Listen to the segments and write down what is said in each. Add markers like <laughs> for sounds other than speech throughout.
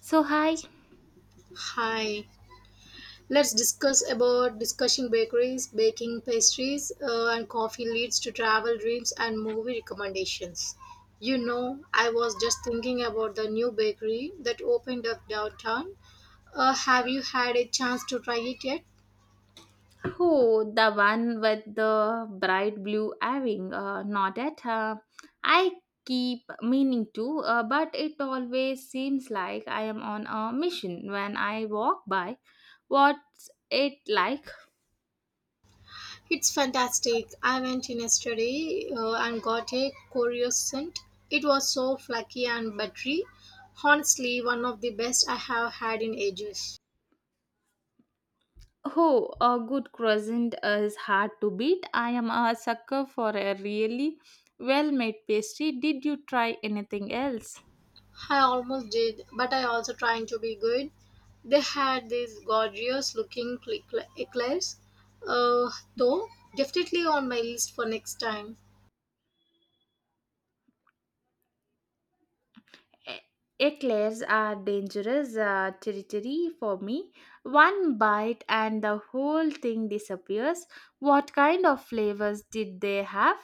So hi, Hi, let's discuss about discussing bakeries, baking pastries, and coffee leads to travel dreams and movie recommendations. You know, I was just thinking about the new bakery that opened up downtown. Have you had a chance to try it yet? who the one with the bright blue earring? Not it. I keep meaning to, but it always seems like I am on a mission when I walk by. What's it like? It's fantastic. I went in yesterday and got a croissant. It was so flaky and buttery. Honestly, one of the best I have had in ages. Oh, a good croissant is hard to beat. I am a sucker for a really well-made pastry. Did you try anything else? I almost did, but I also trying to be good. They had these gorgeous looking eclairs, though definitely on my list for next time. E- Eclairs are dangerous territory for me. One bite and the whole thing disappears. What kind of flavors did they have?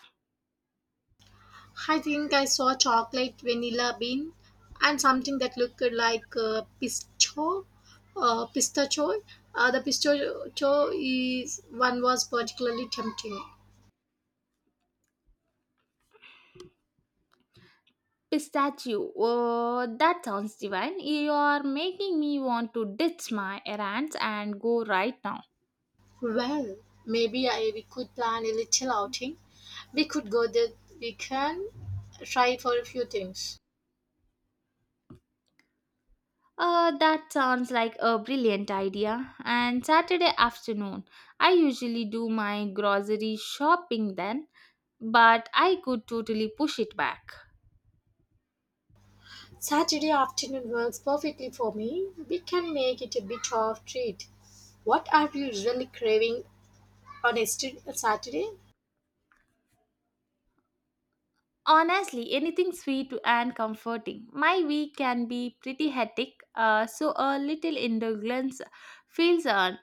I think I saw chocolate vanilla bean and something that looked like pistachio. Pistachio. The pistachio is one was particularly tempting. Pistachio. Oh, that sounds divine. You are making me want to ditch my errands and go right now. Well, maybe I we could plan a little outing. We could go that We can try for a few things. That sounds like a brilliant idea. And Saturday afternoon, I usually do my grocery shopping then, but I could totally push it back. Saturday afternoon works perfectly for me. We can make it a bit of treat. What are you usually craving on a Saturday? Honestly, anything sweet and comforting. My week can be pretty hectic, so a little indulgence feels earned.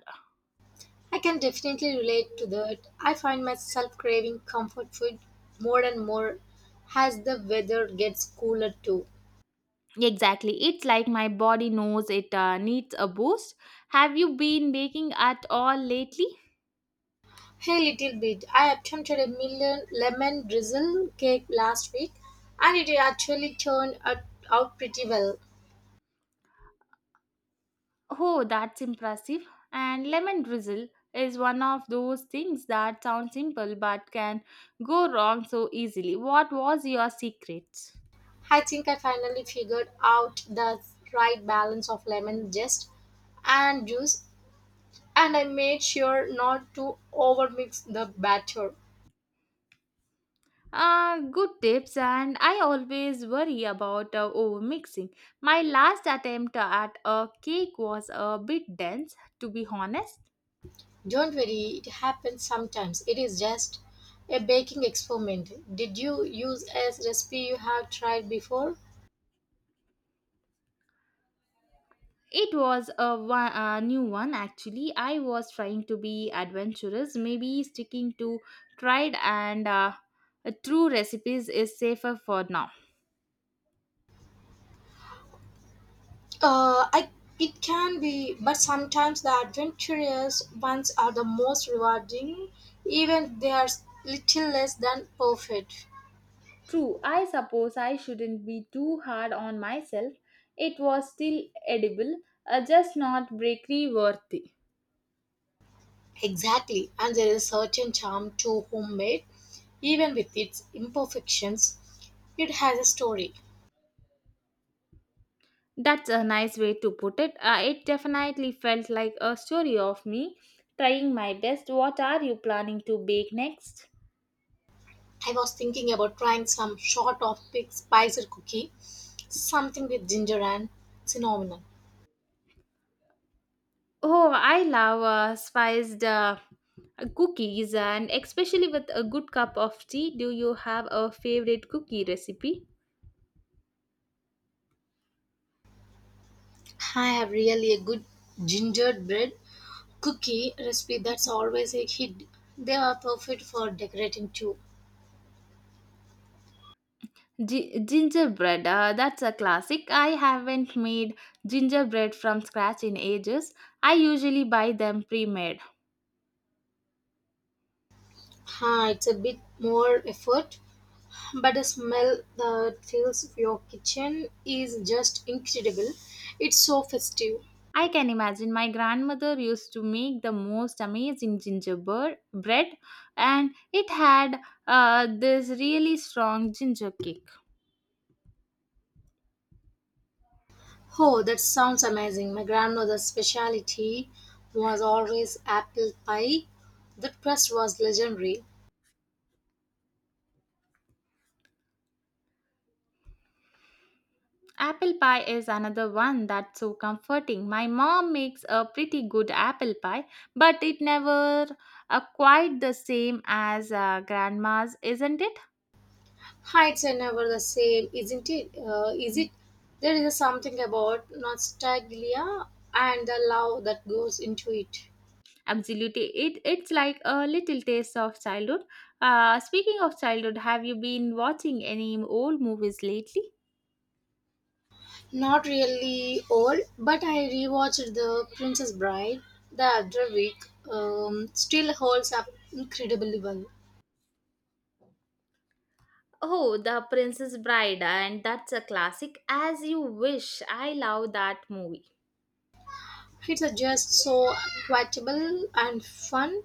I can definitely relate to that. I find myself craving comfort food more and more as the weather gets cooler too. Exactly, it's like my body knows it needs a boost. Have you been baking at all lately? Hey, little bit. I attempted a million lemon drizzle cake last week and it actually turned out pretty well. Oh, that's impressive. And lemon drizzle is one of those things that sound simple but can go wrong so easily. What was your secret? I think I finally figured out the right balance of lemon zest and juice and I made sure not to overmix the batter. Good tips, and I always worry about overmixing. My last attempt at a cake was a bit dense, to be honest. Don't worry, it happens sometimes. It is just a baking experiment. Did you use a recipe you have tried before? It was a, one, a new one actually. I was trying to be adventurous, maybe sticking to tried and true recipes is safer for now. I, it can be, but sometimes the adventurous ones are the most rewarding, even if they are little less than perfect. True, I suppose I shouldn't be too hard on myself. It was still edible, just not bakery worthy. Exactly, and there is a certain charm to homemade, even with its imperfections. It has a story. That's a nice way to put it. It definitely felt like a story of me trying my best. What are you planning to bake next? I was thinking about trying some sort of big spiced cookie, something with ginger and cinnamon. Oh, I love spiced cookies and especially with a good cup of tea. Do you have a favorite cookie recipe? I have really a good gingerbread cookie recipe that's always a hit. They are perfect for decorating too. Gingerbread, that's a classic. I haven't made gingerbread from scratch in ages. I usually buy them pre made. Huh, it's a bit more effort, but the smell that fills your kitchen is just incredible. It's so festive. I can imagine my grandmother used to make the most amazing gingerbread bread, and it had this really strong ginger kick. Oh, that sounds amazing. My grandmother's specialty was always apple pie. The crust was legendary. Apple pie is another one that's so comforting. My mom makes a pretty good apple pie, but it never quite the same as grandma's, isn't it? Heights are never the same, isn't it? Is it? There is something about nostalgia and the love that goes into it. Absolutely, it's like a little taste of childhood. Speaking of childhood, have you been watching any old movies lately? Not really old, but I rewatched The Princess Bride the other week. Still holds up incredibly well. Oh, The Princess Bride, and that's a classic as you wish. I love that movie. It's just so quotable and fun.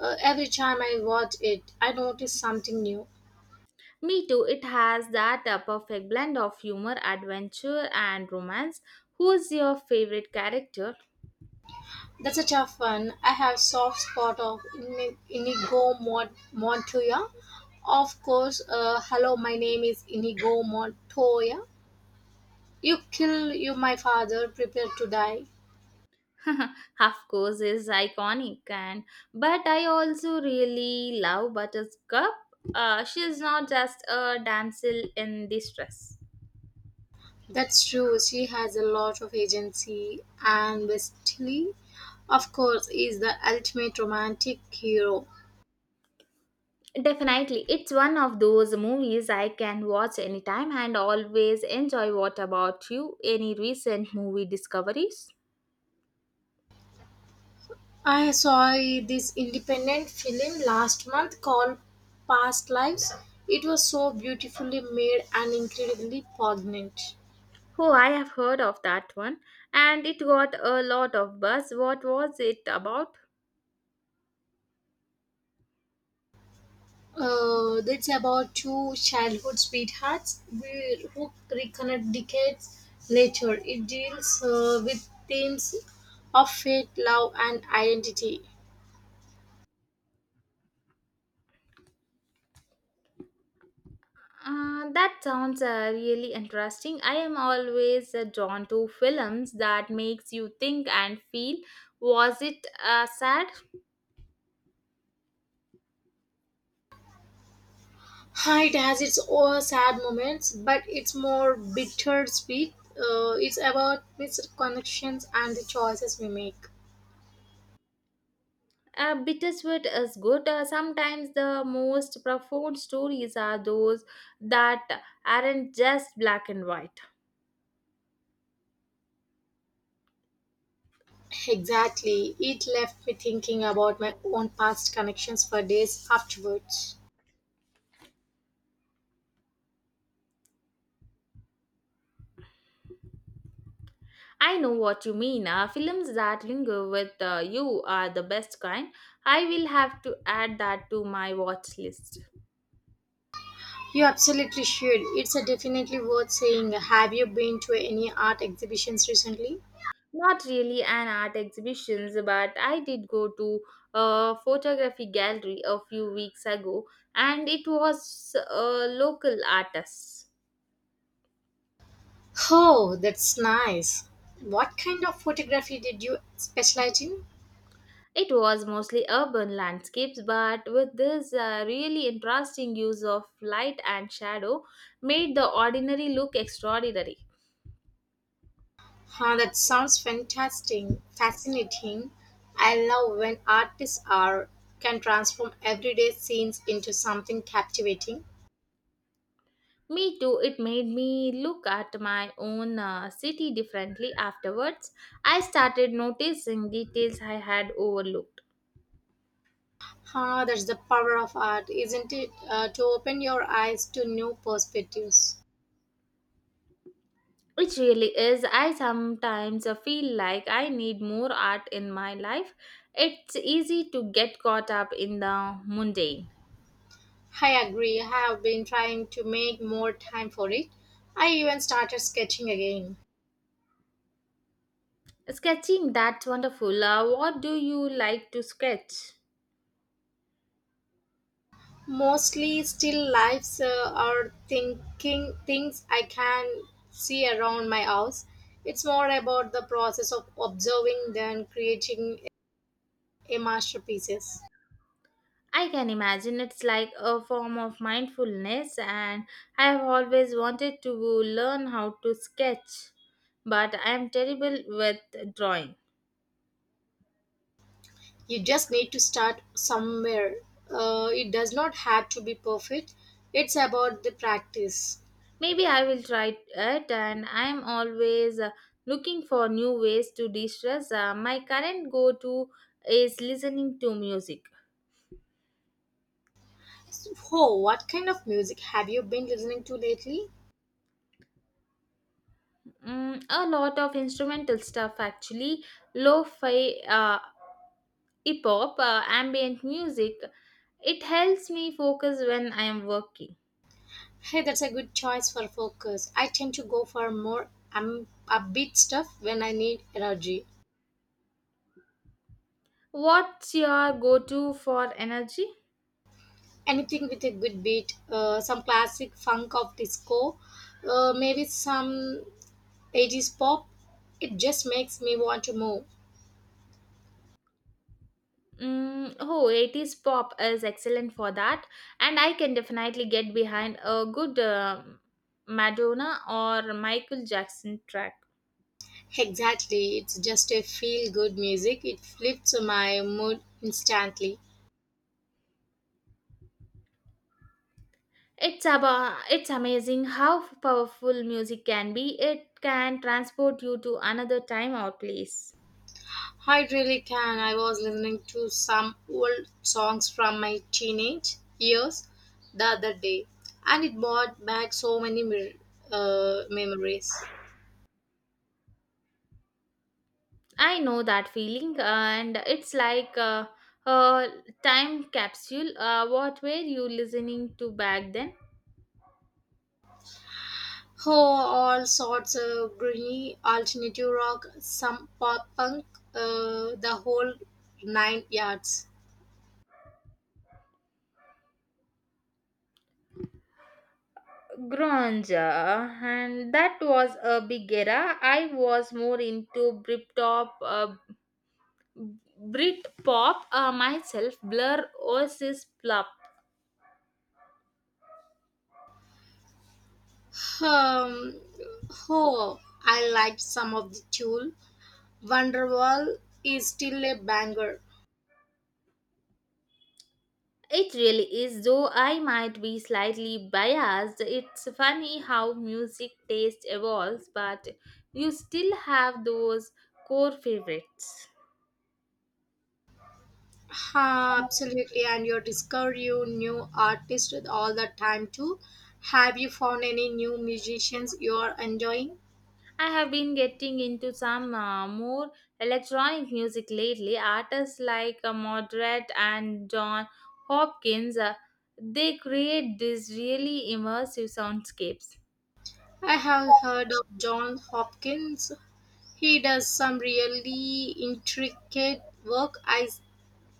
Every time I watch it, I notice something new. Me too, it has that perfect blend of humor, adventure, and romance. Who's your favorite character? That's a tough one. I have soft spot of Inigo Montoya. Of course, hello, my name is Inigo Montoya. You kill you, my father, prepare to die. <laughs> of course, is iconic, and but I also really love Buttercup. She is not just a damsel in distress. That's true. She has a lot of agency and Wesley, of course, is the ultimate romantic hero. Definitely. It's one of those movies I can watch anytime and always enjoy. What about you? Any recent movie discoveries? I saw this independent film last month called Past Lives. It was so beautifully made and incredibly poignant. Oh, I have heard of that one and it got a lot of buzz. What was it about? It's about two childhood sweethearts who reconnect decades later. It deals with themes of fate, love, and identity. That sounds really interesting. I am always drawn to films that makes you think and feel. Was it sad? Ha, it has its own sad moments, but it's more bittersweet. It's about missed connections and the choices we make. Bittersweet is good. Sometimes the most profound stories are those that aren't just black and white. Exactly. It left me thinking about my own past connections for days afterwards. I know what you mean. Films that linger with you are the best kind. I will have to add that to my watch list. You absolutely should. It's a definitely worth saying. Have you been to any art exhibitions recently? Not really an art exhibitions, but I did go to a photography gallery a few weeks ago, and it was a local artist. Oh, that's nice. What kind of photography did you specialize in? It was mostly urban landscapes, but with this really interesting use of light and shadow, made the ordinary look extraordinary. Huh, that sounds fantastic, fascinating. I love when artists are can transform everyday scenes into something captivating. Me too, it made me look at my own city differently afterwards. I started noticing details I had overlooked. Huh, that's the power of art, isn't it? To open your eyes to new perspectives. Which really is, I sometimes feel like I need more art in my life. It's easy to get caught up in the mundane. I agree. I have been trying to make more time for it. I even started sketching again. Sketching, that's wonderful. What do you like to sketch? Mostly still lifes or thinking things I can see around my house. It's more about the process of observing than creating a masterpieces. I can imagine it's like a form of mindfulness, and I have always wanted to learn how to sketch, but I am terrible with drawing. You just need to start somewhere. It does not have to be perfect. It's about the practice. Maybe I will try it, and I am always looking for new ways to de stress. My current go to is listening to music. So, what kind of music have you been listening to lately? Mm, a lot of instrumental stuff actually lo fi hip hop, ambient music. It helps me focus when I am working. Hey, that's a good choice for focus. I tend to go for more upbeat stuff when I need energy. What's your go to for energy? Anything with a good beat, some classic funk of disco, maybe some 80s pop. It just makes me want to move. Mm, oh, 80s pop is excellent for that, and I can definitely get behind a good Madonna or Michael Jackson track. Exactly, it's just a feel good music. It flips my mood instantly. It's about, it's amazing how powerful music can be. It can transport you to another time or place. I really can. I was listening to some old songs from my teenage years the other day, and it brought back so many memories. I know that feeling, and it's like a time capsule. What were you listening to back then? Oh, all sorts of greeny alternative rock, some pop punk, the whole nine yards. Grunge, and that was a big era. I was more into Britpop, myself. Blur, Oasis, Plup. Um, oh, I liked some of the Tool. Wonderwall is still a banger. It really is, though I might be slightly biased. It's funny how music taste evolves, but you still have those core favorites. Ha, absolutely, and you discover you new artists all the time too. Have you found any new musicians you are enjoying? I have been getting into some more electronic music lately. Artists like Moderate and John Hopkins, they create these really immersive soundscapes. I have heard of John Hopkins. He does some really intricate work. I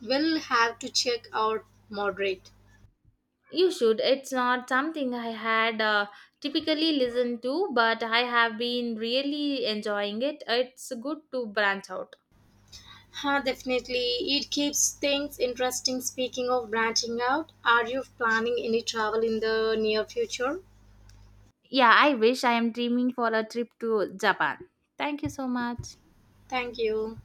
will have to check out Moderate. You should. It's not something I had typically listened to, but I have been really enjoying it. It's good to branch out. Huh, definitely. It keeps things interesting. Speaking of branching out, are you planning any travel in the near future? Yeah, I wish I am dreaming for a trip to Japan. Thank you so much. Thank you.